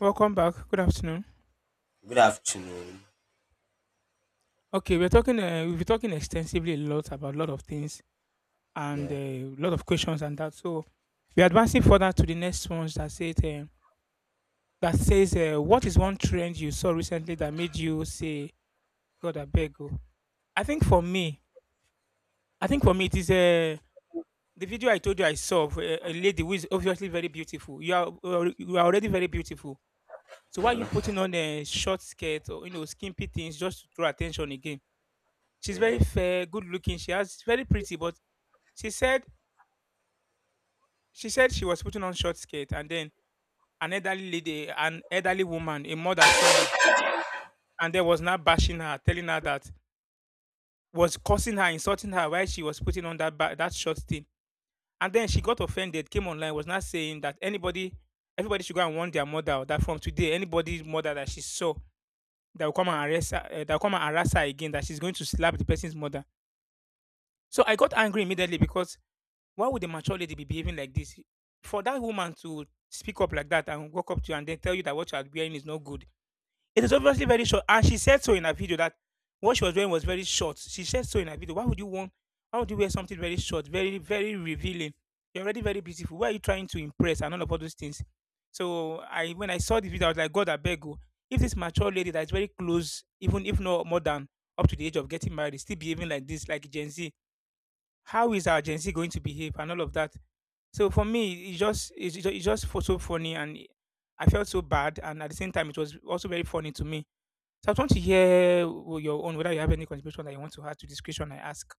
Welcome back. Good afternoon. Good afternoon. Okay, we're talking. We've been talking extensively a lot about a lot of things and Yeah. a lot of questions and that. So we're advancing further to the next ones that say it, that says what is one trend you saw recently that made you say God I beg you. I think for me, I think for me it is the video I told you I saw of a lady who is obviously very beautiful. You are already very beautiful. So why are you putting on a short skirt or you know skimpy things just to draw attention again? She's very Yeah. fair, good looking. She's very pretty, but she said she said she was putting on short skirt, and then an elderly lady, an elderly woman, a mother saw her, and then was now bashing her, telling her that was cursing her, insulting her while she was putting on that short thing. And then she got offended, came online, was not saying that anybody, everybody should go and warn their mother that from today, anybody's mother that she saw that will come and arrest her, eh, that will come and harass her again, that she's going to slap the person's mother. So I got angry immediately because why would a mature lady be behaving like this? For that woman to speak up like that and walk up to you and then tell you that what you are wearing is not good, it is obviously very short. And she said so in her video that what she was wearing was very short. She said so in her video. Why would you want? Why would you wear something very short, very very revealing? You're already very beautiful. Why are you trying to impress and all of all those things? So I When I saw the video, I was like, God, I beg you. If this mature lady that is very close, even if not more than up to the age of getting married, is still behaving like this, like Gen Z, how is our Gen Z going to behave and all of that? So for me, it's just for so funny, I felt so bad, and at the same time, it was also very funny to me. So I want to hear your own whether you have any contribution that you want to add to this question I ask.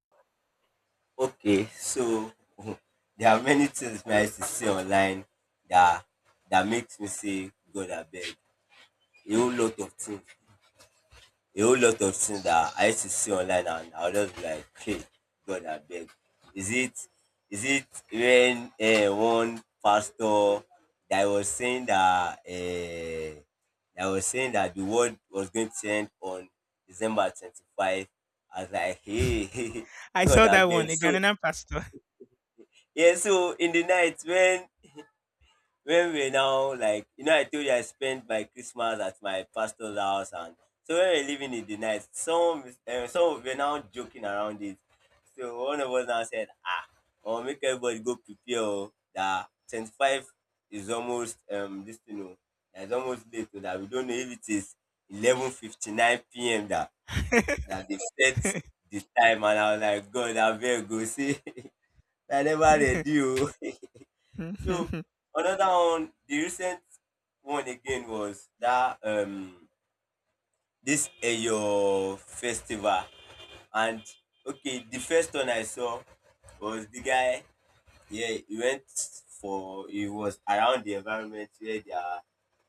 Okay, so there are many things I used to see online that that makes me say God abeg. Beg. A whole lot of things. A whole lot of things that I used to see online and I'll just be like, hey, God, I beg. Is it is it when one pastor that was saying that uh, that was saying that the world was going to end on December 25? I was like, hey, I God, saw I that beg. one, a So, Ghanaian pastor. yeah, so in the night when we now, like, you know, I told you I spent my Christmas at my pastor's house, and so when we we're living in the night, some were now joking around it. So one of us now said, ah, I'll make everybody go prepare oh, that 25 is almost this, you know, that's almost late, so that we don't know if it is 11:59 p.m. that that they set the time. And I was like, God, I beg, go see. I never ready oh. So another one, the recent one again was that this Eyo festival, and okay, the first one I saw was the guy. Yeah, he went for he was around the environment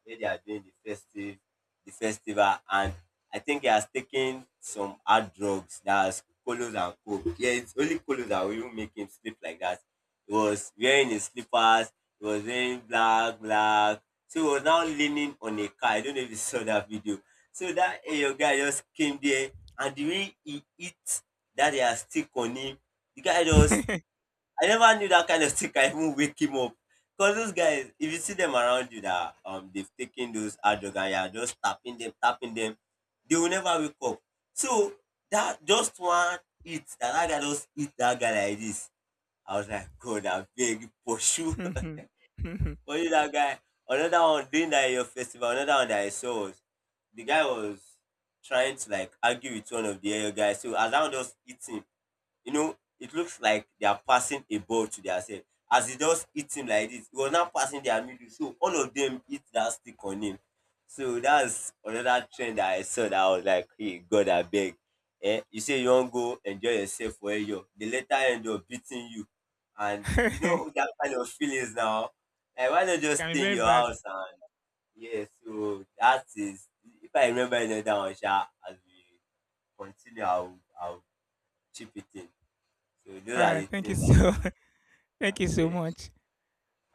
where they are doing the festival, and I think he has taken some hard drugs that has colos and coke. Yeah, it's only colos that will even make him sleep like that. He was wearing his slippers, he was wearing black, black. So he was now leaning on a car. I don't know if you saw that video. So that eh, your guy just came there, and the way he hit that they are stick on him, the guy just — I never knew that kind of thing can even wake him up. Cause those guys, if you see them around you that they've taken those hard drug and you are just tapping them, they will never wake up. So that just one hit, that that guy just hit that guy like this. I was like, God, I beg pursue for you that guy. Another one during that your festival, another one that I saw was the guy was trying to, like, argue with one of the other guys. So as I was just eating, you know, it looks like they are passing a ball to themselves. As he just hit him like this, he was now passing their middle. So all of them hit that stick on him. So that's another trend that I saw that I was like, hey, God, I beg. Eh, you say you don't go enjoy yourself for a year, they later end up beating you. And you know that kind of feelings now. Like, why not just Can be stay in very your bad. house and, yeah, so that is — if I remember another one, sha, as we continue, I'll chip it in. So those All are right, the thank you things that is so still are thank you so fresh. much.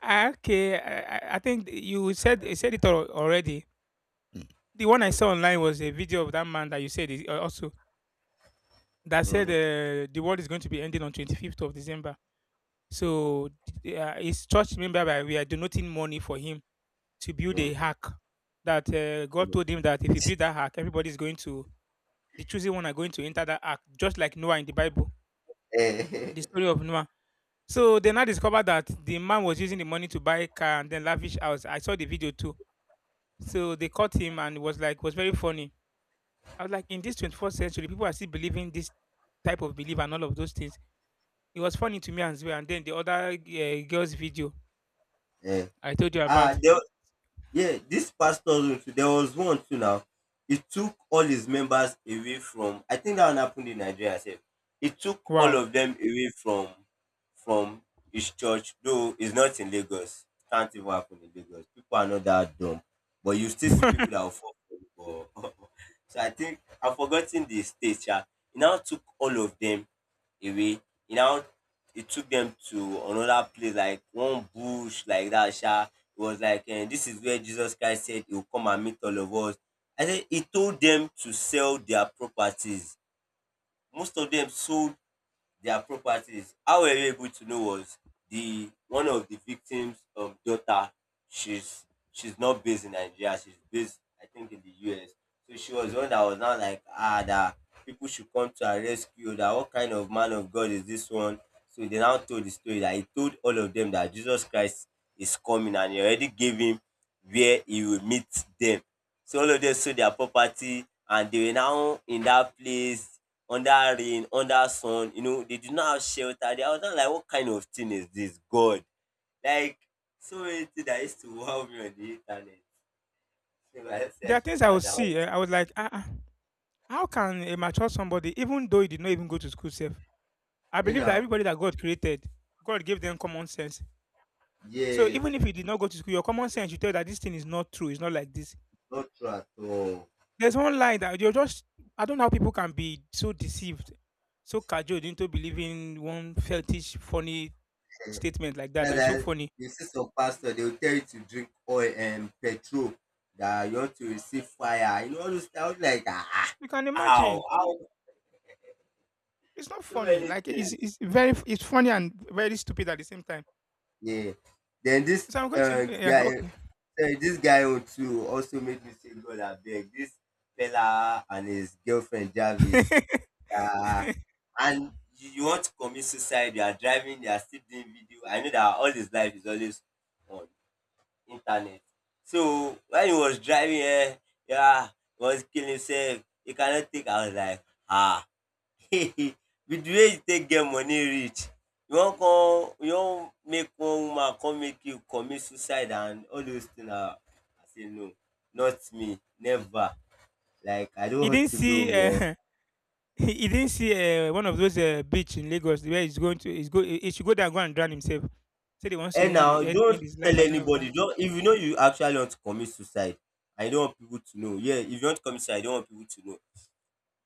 Ah, okay, I think you said it already. The one I saw online was a video of that man that you said is also that said Mm-hmm. The world is going to be ending on 25th of December. So his church member, we are donating money for him to build Mm-hmm. a hack that God told him that if he build that hack, everybody's going to, the chosen one are going to enter that ark, just like Noah in the Bible, Eh, the story of Noah. So they now discovered that the man was using the money to buy a car and then lavish house. I saw the video too. So they caught him and it was like, was very funny. I was like, in this 21st century, people are still believing this type of belief and all of those things. It was funny to me as well. And then the other girl's video eh. I told you Ah, about. there, yeah, this pastor, room too, there was one too now. It took all his members away from — I think that one happened in Nigeria sef. It took all Wow. of them away from his church, though it's not in Lagos. Can't even happen in Lagos. People are not that dumb. But you still see There people that will fall for it. But so I think I've forgotten the state. Yeah. It now took all of them away. He now — it took them to another place, like one bush, like that. Sha. It was like, eh, this is where Jesus Christ said he will come and meet all of us. I said he told them to sell their properties. Most of them sold their properties. How were you able to know? Was the one of the victims of daughter, she's she's not based in Nigeria, she's based I think in the US. So she was the one that was now like, ah, that people should come to her rescue, that what kind of man of God is this one? So they now told the story that he told all of them that Jesus Christ is coming and he already gave him where he will meet them. So all of them sold their property and they were now in that place under rain, under sun, you know, they do not have shelter. They — I was not like, what kind of thing is this? God. Like, so many things that used to wow me on the internet. So I said I are should things I would add that one. see. Eh, I was like, ah, ah, how can a mature somebody, even though he did not even go to school safe? I You believe that know, everybody that God created, God gave them common sense. So yes, even if you did not go to school, your common sense you tell that this thing is not true. It's not like this. not true at all. There's one line that you're just. I don't know how people can be so deceived, so cajoled into believing one fetish funny statement like that. That's That's so like — funny. you see some pastor, they will tell you to drink oil and petrol that you want to receive fire. You know, all those things. I was like, ah, You can how? imagine How? it's not So funny. many Like it's things. it's very it's funny and very stupid at the same time. Yeah. Then So I'm going to yeah okay. This guy on too also made me say, God, I beg. This fella and his girlfriend Jarvis, uh, and you want to commit suicide. You are driving. They are still doing video. I know that all his life is always on internet. So when he was driving, eh, yeah, he was killing himself. He cannot think. I was like, ah. With the way you take get money reach, you wan make one woman con make you commit suicide and all those things. I say no, not me, never. Like I don't He want didn't to know see bro. He didn't see one of those beach in Lagos where he's going to he's go he should go there and go and drown himself. Said he wants to And now end don't his life tell and all of that. anybody, don't — if you know you actually want to commit suicide, I don't want people to know, yeah, if you want to commit suicide you don't want people to know,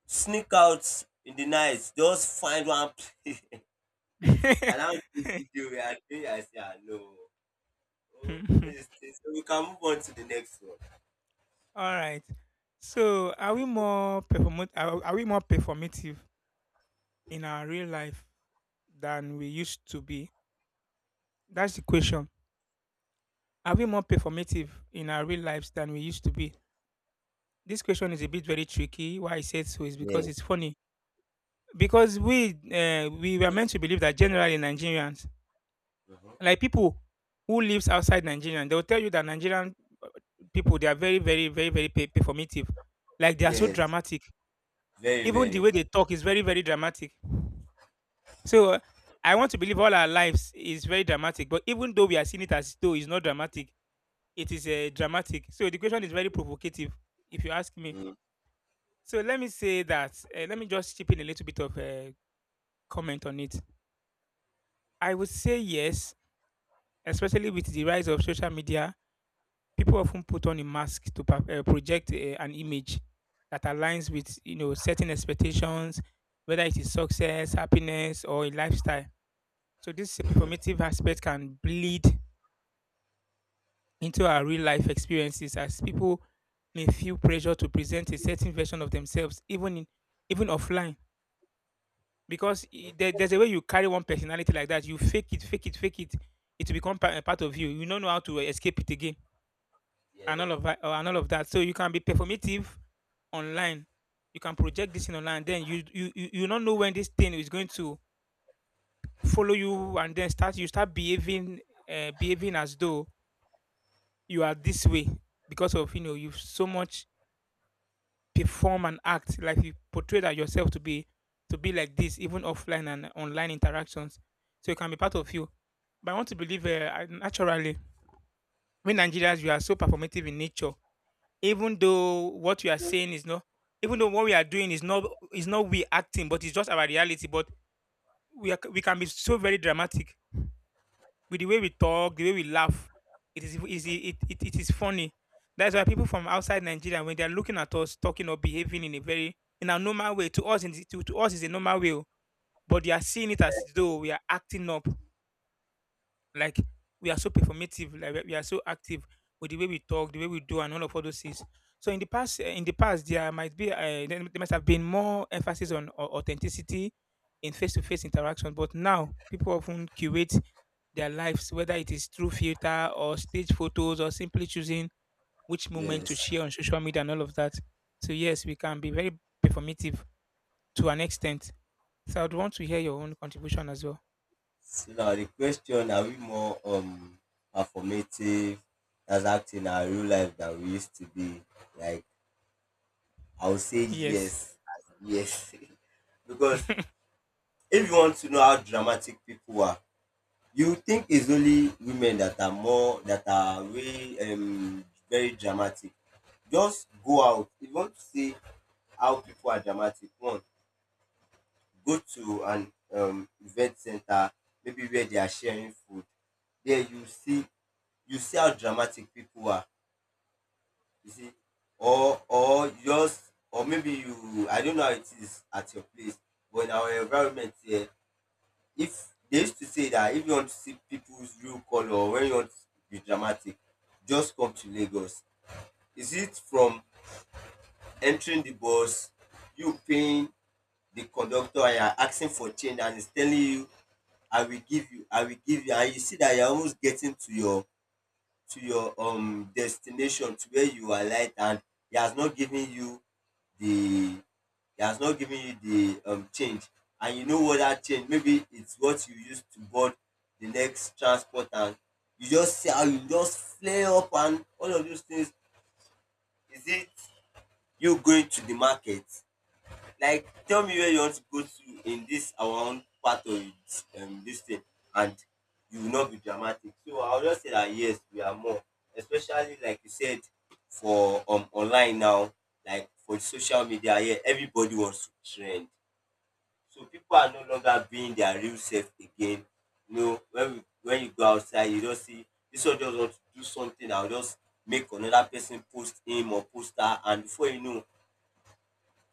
sneak out in the night, just find one place around where — I say ah no. Oh, it's- we can move on to the next one. All right. So are we more are we more performative in our real life than we used to be? That's the question. Are we more performative in our real lives than we used to be? This question is a bit very tricky. Why I said so is because Yes. it's funny. Because we were meant to believe that generally Nigerians, Mhm. like people who lives outside Nigeria, they will tell you that Nigerian uh, people they are very very very very performative. Like they are so Yes. dramatic. Very, Even the very. way they talk is very very dramatic. So I want to believe all our lives is very dramatic. But even though we are seeing it as though it's not dramatic, it is dramatic. So the question is very provocative, if you ask me. Mm-hmm. So let me say that, let me just chip in a little bit of a comment on it. I would say yes, especially with the rise of social media, people often put on a mask to project an image that aligns with, you know, certain expectations, whether it is success, happiness, or a lifestyle. So this performative aspect can bleed into our real life experiences as people may feel pressure to present a certain version of themselves, even offline because there's a way you carry one personality like that. You fake it, fake it, fake it. It will become a part of you. You don't know how to escape it again, and Yes. all of that, and all of that. So you can be performative online. You can project this in online. Then you don't know when this thing is going to follow you, and then start behaving behaving as though you are this way because of you know you've so much perform and act like you portray that yourself to be like this, even offline and online interactions. So it can be part of you. But I want to believe naturally, we Nigerians, we are so performative in nature. Even though what we are saying is not, even though what we are doing is not we acting, but it's just our reality. But we are, we can be so very dramatic with the way we talk, the way we laugh, it is funny. That's why people from outside Nigeria, when they're looking at us talking or behaving in a very in a normal way, to us is a normal way, oh, but they are seeing it as though we are acting up, like we are so performative, like we are so active with the way we talk, the way we do, and all of all those things. So in the past, eh, in the past, there might be there must have been more emphasis on authenticity in face-to-face interaction, but now people often curate their lives, whether it is through filter or stage photos or simply choosing which moment to Yes. share on social media and all of that. So yes, we can be very performative to an extent. So I'd want to hear your own contribution as well. So now the question: Are we more performative as acting our real life than we used to be? Like, I would say Yes. yes, yes, because if you want to know how dramatic people are — you think it's only women that are more, that are way very dramatic. Just go out. If you want to see how people are dramatic, one, go to an event center, maybe where they are sharing food. There you see — you see how dramatic people are. You see, or just, or maybe you — I don't know how it is at your place, but in our environment here, if they used to say that if you want to see people's real color, or when you want to be dramatic, just come to Lagos. Is it from entering the bus, you paying the conductor and you're asking for change and he's telling you, I will give you, I will give you, and you see that you're almost getting to your destination, to where you are light, and he has not given you the — he has not given you the change, and you know what that change — maybe it's what you use to board the next transport. And you just see how you just flare up and all of those things. Is it you going to the market? Like tell me where you want to go to in this our own part of it, this thing, and you will not be dramatic. So I will just say dat yes we are more, especially like you said, for online now, like for social media here everybody wants to trend. So people are no longer being their real self again. You know when we — when you go outside you just see dis one just want to do something and just make another person post him or post her, and before you know,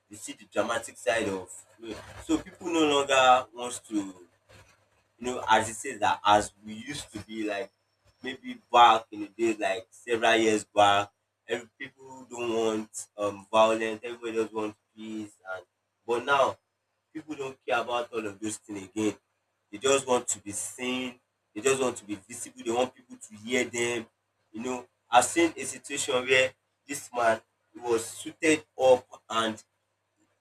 you see the dramatic side of, you know, so people no longer wants to, you know, as it says that as we used to be, like maybe back in the days like several years back, every people don't want violence, everybody just want peace. And but now people don't care about all of those things again, they just want to be seen, they just want to be visible, they want people to hear them, you know. I've seen a situation where this man he was suited up and,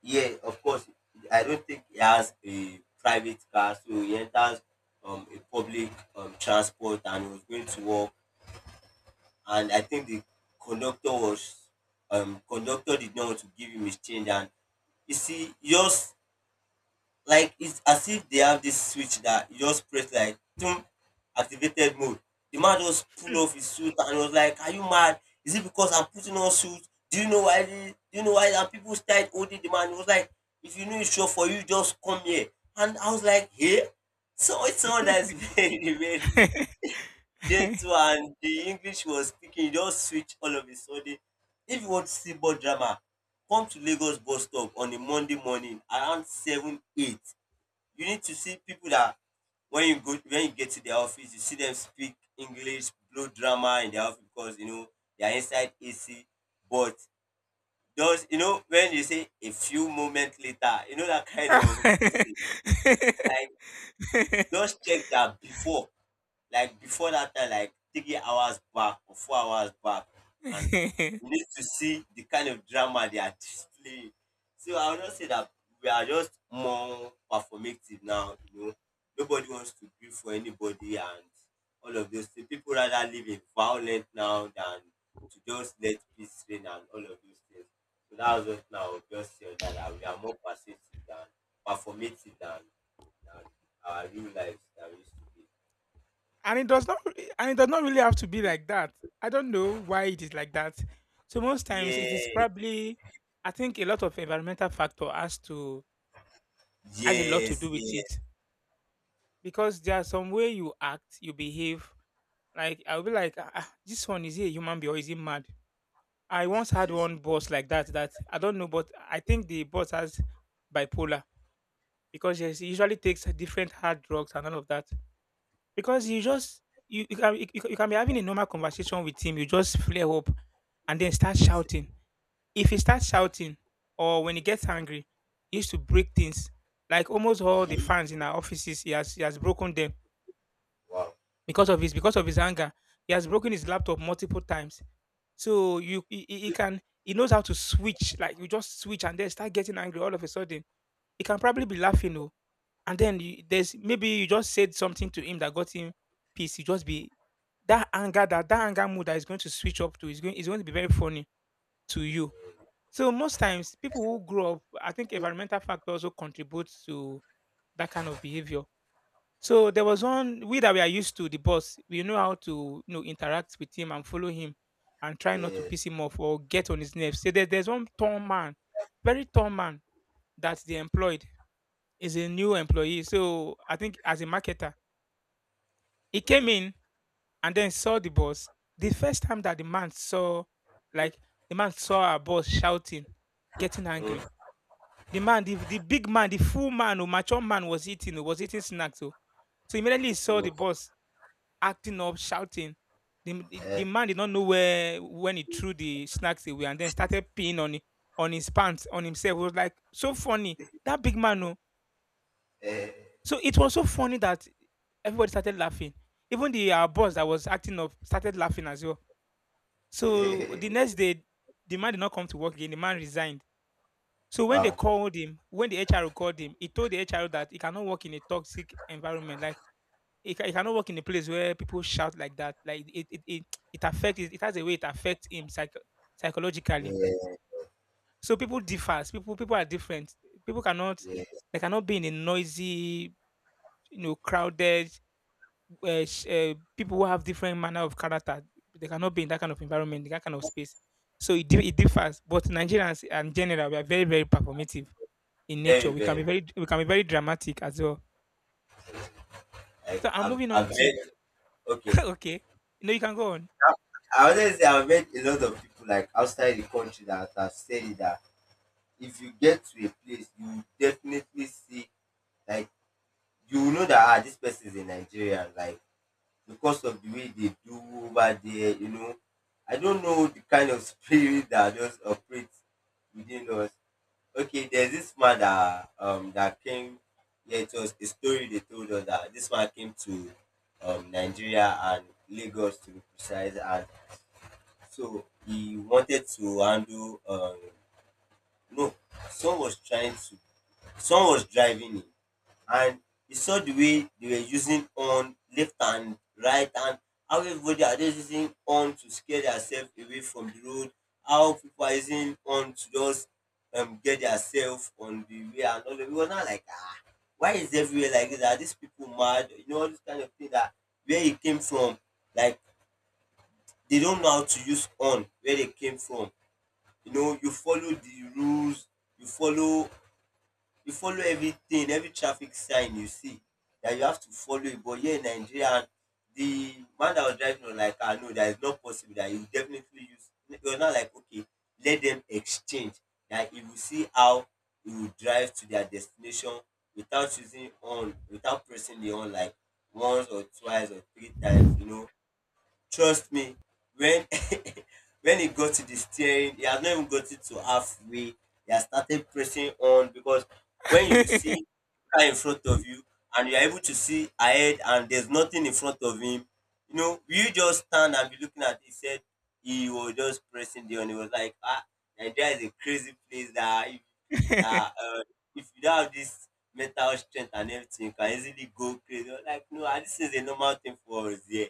yeah, of course. I don't think he has a private car, so he enters a public transport and he was going to work. And I think the conductor was conductor did not want to give him his change. And you see, yours, like it's as if they have this switch that you just press, like, "Tum," activated mode. The man just pull off his suit and was like, Are you mad? Is it because I'm putting on suit? Do you know why the, do you know why — and people started holding the man? He was like, if you know it's sure for you, just come here. And I was like, "Here." So it's someone that's very, very gentle, and the English he was speaking, he just switch all of a sudden. If you want to see more drama, come to Lagos bus stop on a Monday morning around 7 8. You need to see people that when you get to their office, you see them speak English, blow drama in their office because you know they are inside AC. But those, you know, when you say a few moments later, you know, that kind of this thing, like just check that before, like before that time, like 3 hours back or 4 hours back, and you need to see the kind of drama they are displaying. So I will not say that we are just more performative now, you know. Nobody wants to grieve for anybody and all of those things. People rather live in violent now than to just let peace reign and all of those things. So that was just now I would just say on that, that we are more persuasive than performative than our real lives that we used to be. And it does not and it does not really have to be like that. I don't know why it is like that. So most times it is Yes, probably I think a lot of environmental factor has to has a lot to yes, do with it. Because there's some way you act, you behave. Like I'll be like, ah, ah, this one is he a human being or is he mad? I once had yes. one boss like that. That I don't know, but I think the boss has bipolar because yes, he usually takes different hard drugs and all of that. Because you Okay. just You can, you can be having a normal conversation with him, you just flare up and then start shouting. If he starts shouting or when he gets angry, he used to break things. Like almost all the fans in our offices, he has broken them Wow. Because of his anger. He has broken his laptop multiple times. So you he knows how to switch. Like you just switch and then start getting angry all of a sudden. He can probably be laughing, oh, and then there's maybe you just said something to him that got him peace. You just be that anger, that that anger mood that is going to switch up to is going to be very funny to you. So most times people who grow up, I think environmental factor also contributes to that kind of behavior. So there was one, we that we are used to the boss. We know how to, you know, interact with him and follow him and try not to piss Yes. him off or get on his nerves. So there's one tall man, very tall man, that they employed, is a new employee. So I think as a marketer, he came in and then saw the boss. The first time that the man saw, like, the man saw our boss shouting, getting Mhm, angry. The man, the big man, the full man, or mature man was eating, oh, was eating snacks. Oh. So immediately he saw mhm, the mhm. boss acting up, shouting. The Eh, man did not know where when he threw the snacks away and then started peeing on, on his pants, on himself. It was like so funny. That big man, oh. eh. So it was so funny that everybody started laughing. Even the boss that was acting up started laughing as well. So the next day, the man did not come to work again. The man resigned. So when they Wow. called him, when the HR called him, he told the HR that he cannot work in a toxic environment. Like, it cannot work in a place where people shout like that. Like it affects has a way it affects him Yeah, psychologically. So people differs. People are different. People cannot, yeah. they cannot be in a noisy, you know, crowded. People who have different manner of character, they cannot be in that kind of environment, in that kind of space. So it differs. But Nigerians in general, we are very performative in nature. Very, We can be very. very, we can be very dramatic as well. Like So I'm I've, moving on I've to met. Okay. okay. No, you can go I always say I've met a lot of people like outside the country that have said it that if you get to a place, you definitely see, like, you will know that, ah, this person is a Nigerian. Like because of the way they do over there, you know. I don't know the kind of spirit that just operates within us. Okay, there's this man that that came, yeah, it was a story they told us that this man came to Nigeria and Lagos to be precise, and so he wanted to handle no, someone was trying to, someone was driving him, and you saw the way they were using on left and right, and how everybody are just using on to scare themselves away from the road, how people are using on to just get themselves on the way and all that. We were not like, ah, why is everywhere like this? Are these people mad? You know, all this kind of thing that where it came from, like they don't know how to use on where they came from. You know, you follow the rules, you follow you follow everything, every traffic sign you see that you have to follow it. But here in Nigeria, the man that was driving was like, I know that is not possible. That you definitely use. You're not like, okay, let them exchange. That you will see how you will drive to their destination without using on, without pressing the on like once or twice or three times, on. you know. Trust me, when when he got to the steering, he has not even got it to halfway. He has started pressing on because when you see car in front of you and you are able to see ahead and there's nothing in front of him, you know, you just stand and be looking at it. He said he was just pressing there and he was like, ah, Nigeria is a crazy place that that uh, if you don't have this mental strength and everything, you can easily go crazy. I was like, no, ah, this is a normal thing for us here.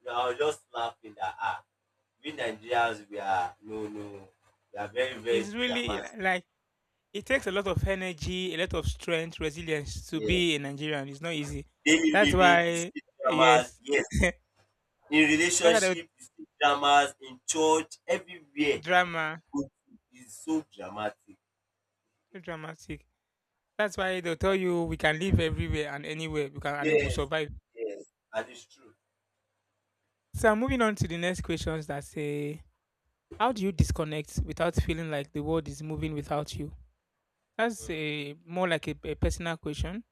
You know, I was just laughing that, ah, we Nigerians we are, no, no, we are very, very it's really dramatic. like it takes a lot of energy, a lot of strength, resilience to Yeah. be a Nigerian. It's not easy. Daily That's living, you why, see dramas. yes, Yes, that's in why the relationship, you see dramas. In church, everywhere you drama, go to is so dramatic. so dramatic. That's why they'll tell you we can live everywhere and anywhere, we can and it will Yes, survive. yes, and it's true. So I'm moving on to the next questions that say, how do you disconnect without feeling like the world is moving without you? That's Mm. a more like a, personal question.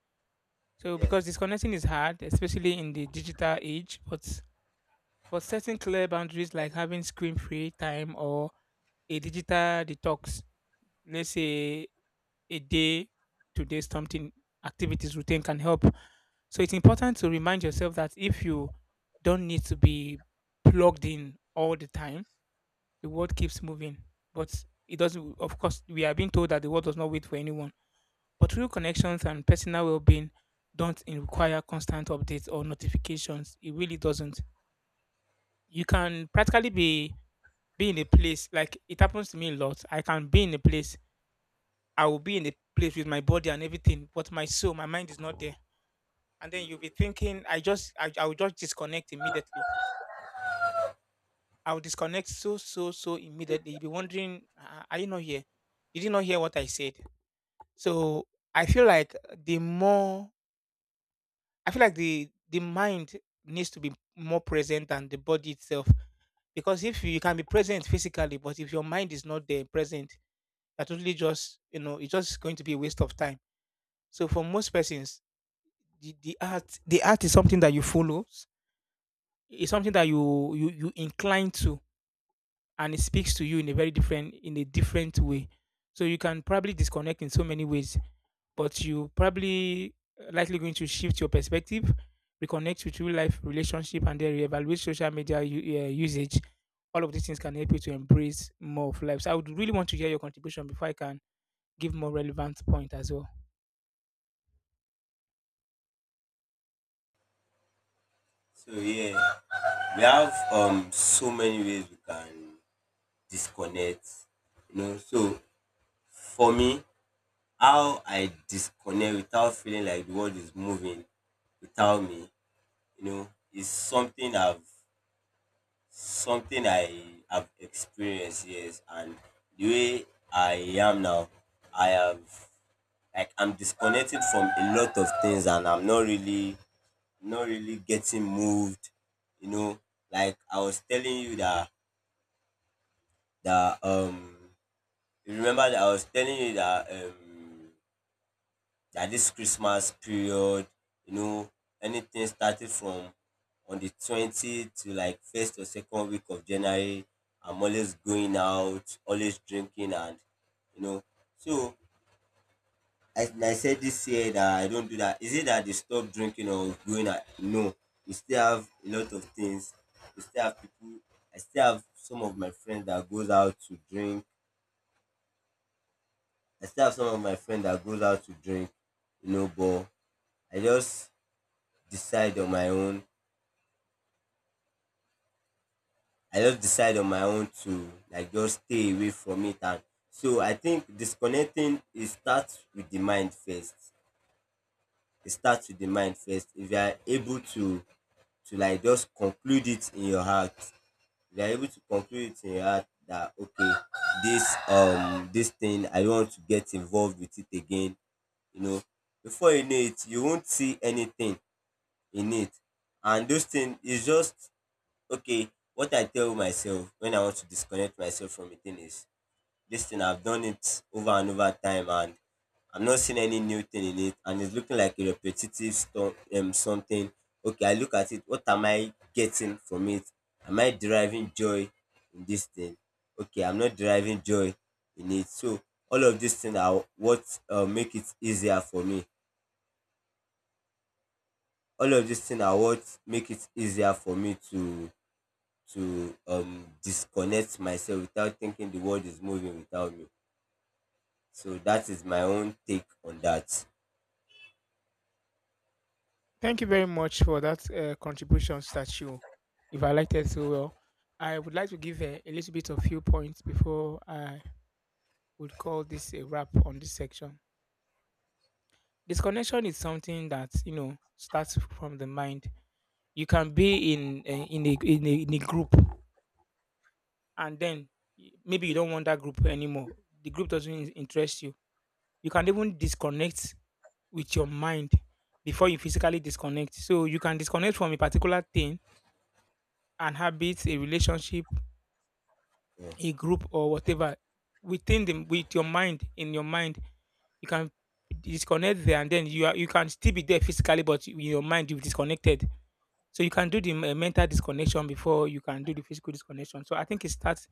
So because Yes. disconnecting is hard, especially in the digital age, but setting clear boundaries like having screen-free time or a digital detox, let's say a day to day something activities routine can help. So it's important to remind yourself that if you don't need to be plugged in all the time, the world keeps moving. But it doesn't, of course we are being told that the world does not wait for anyone. But real connections and personal well being don't in- require constant updates or notifications. It really doesn't. You can practically be in a place, like it happens to me a lot. I can be in a place, I will be in a place with my body and everything, but my soul, my mind is not there. And then you'll be thinking, I just, I will just disconnect immediately. I will disconnect so immediately. You'll be wondering, "Ah, are you not here? You did not hear what I said?" So I feel like the more, I feel like the mind needs to be more present than the body itself. Because if you, you can be present physically, but if your mind is not there present, are totally just, you know, it's just going to be a waste of time. So for most persons, the art the art is something that you follow. It's something that you you incline to, and it speaks to you in a very different, in a different way. So you can probably disconnect in so many ways, but you probably likely going to shift your perspective, reconnect with real life relationship and then reevaluate social media usage. All of these things can help you to embrace more of life. So I would really want to hear your contribution before I can give more relevant point as well. So yeah, we have so many ways we can disconnect, you know. So for me, how I disconnect without feeling like the world is moving without me, you know, is something I've something I have experienced, yes. And the way I am now, I have, like, I'm disconnected from a lot of things, and I'm not really getting moved, you know. Like I was telling you that that um you remember that I was telling you that that this Christmas period, you know, anything started from on the 20th to like first or second week of January, I'm always going out, always drinking and you know. So I said this year that I don't do that. Is it that they stop drinking or going out? No. We still have a lot of things. We still have people. I still have some of my friends that goes out to drink. I still have some of my friends that goes out to drink, you know, but I just decide on my own. I just decide on my own to like just stay away from it. And so I think disconnecting it starts with the mind first. It starts with the mind first. If you are able to like just conclude it in your heart, if you are able to conclude it in your heart that okay, this thing I don't want to get involved with it again, you know, before you know it, you won't see anything in it. And those things is just okay. What I tell myself when I want to disconnect myself from a thing is this thing I've done it over and over time, and I'm not seeing any new thing in it, and it's looking like a repetitive something. Okay, I look at it. What am I getting from it? Am I deriving joy in this thing? Okay, I'm not deriving joy in it. So all of these things are what make it easier for me. All of these things are what make it easier for me to disconnect myself without thinking the world is moving without me. So that is my own take on that. Thank you very much for that contribution, statue. If I liked it so well, I would like to give a little bit of few points before I would call this a wrap on this section. Disconnection is something that, you know, starts from the mind. You can be in a group, and then maybe you don't want that group anymore. The group doesn't interest you. You can even disconnect with your mind before you physically disconnect. So you can disconnect from a particular thing, an habit, a relationship, Yeah. a group or whatever within them, with your mind, in your mind you can disconnect there, and then you are, you can still be there physically but in your mind you've disconnected. So you can do the mental disconnection before you can do the physical disconnection. So I think it starts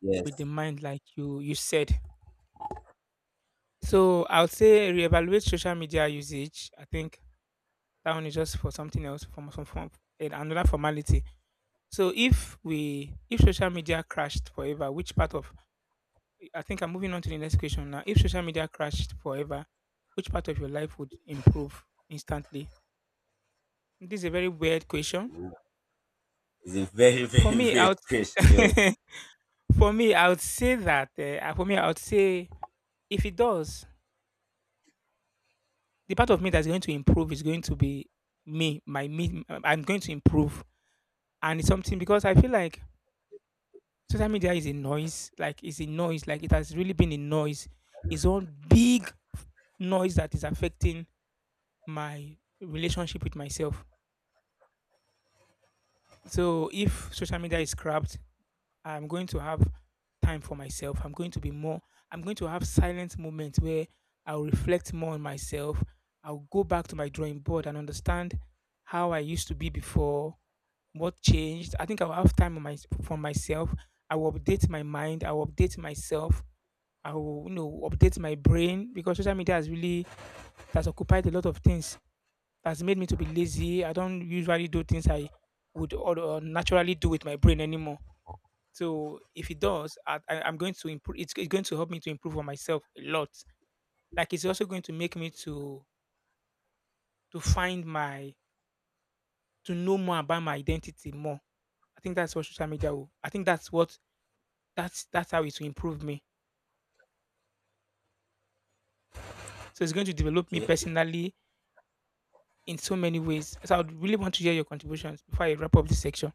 Yes, with the mind, like you said. So I'll say reevaluate social media usage. I think that one is just for something else, from some form, another formality. So if social media crashed forever, which part of, I think I'm moving on to the next question now. If social media crashed forever, which part of your life would improve instantly? This is a very weird question. it's a very, For very me, I great would question. for me, I would say that for me, I would say if it does, the part of me that's going to improve is going to be me, my me. I'm going to improve, and it's something because I feel like social media is a noise. Like it's a noise. Like it has really been a noise. It's one big noise that is affecting my relationship with myself. So if social media is scrapped, I'm going to have time for myself. I'm going to be more, I'm going to have silent moments where I'll reflect more on myself. I'll go back to my drawing board and understand how I used to be before, what changed. I think I'll have time on for myself. I will update my mind. I will update myself. I will, you know, update my brain because social media has really, it has occupied a lot of things, has made me to be lazy. I don't usually do things I would or, naturally do with my brain anymore. So if it does, I'm going to improve. It's going to help me to improve on myself a lot. Like it's also going to make me to find my, to know more about my identity more. I think that's what social media will. I think that's what that's how it will improve me. So it's going to develop me Okay. personally in so many ways. So I would really want to hear your contributions before I wrap up this section.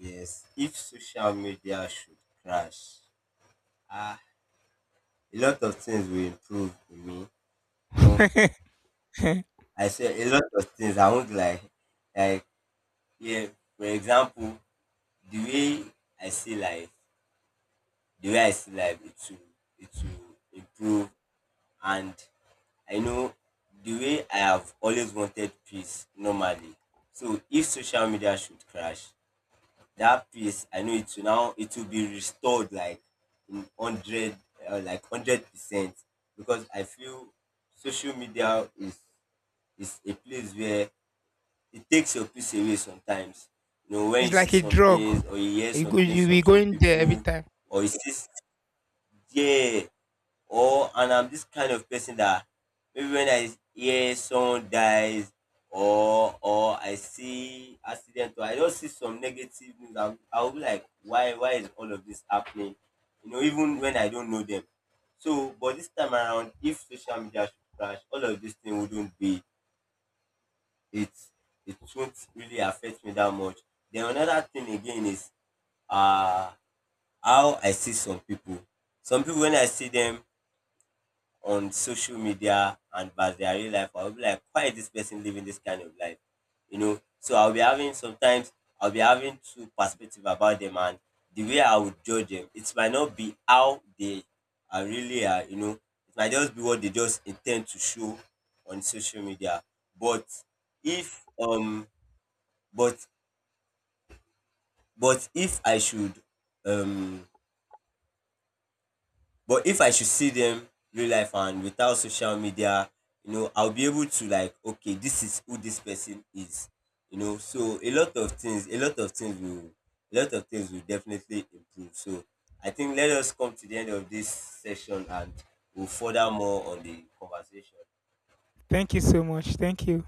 Yes. If social media should crash, ah, a lot of things will improve in me. You know, I say a lot of things. I won't like, like, yeah. For example, the way I see life, the way I see life, it will, improve. And I know the way I have always wanted peace normally. So if social media should crash, that peace I know it will now it will be restored, like in hundred like 100%, because I feel social media is a place where it takes your peace away sometimes. You know when It's you see like a some drug. things or you hear You go, some things you be from some going there every people, time. or you see, yeah, or and I'm this kind of person that maybe when I hear someone dies or I see accident, or I just see some negative news, I'll be like, why is all of this happening? You know, even when I don't know them. So, but this time around, if social media should crash, all of this thing wouldn't be it. It won't really affect me that much. Then another thing again is uh how I see some people. Some people when I see them, on social media and versus their real life, I'll be like, why is this person living this kind of life? You know, so I'll be having sometimes I'll be having two perspective about them, and the way I would judge them, it might not be how they are really are, you know, it might just be what they just intend to show on social media. But if but but if I should um But if I should see them real life and without social media, you know, I'll be able to like, okay, this is who this person is. You know, so a lot of things, a lot of things will definitely improve. So I think let us come to the end of this session and we'll further more on the conversation. Thank you so much. Thank you.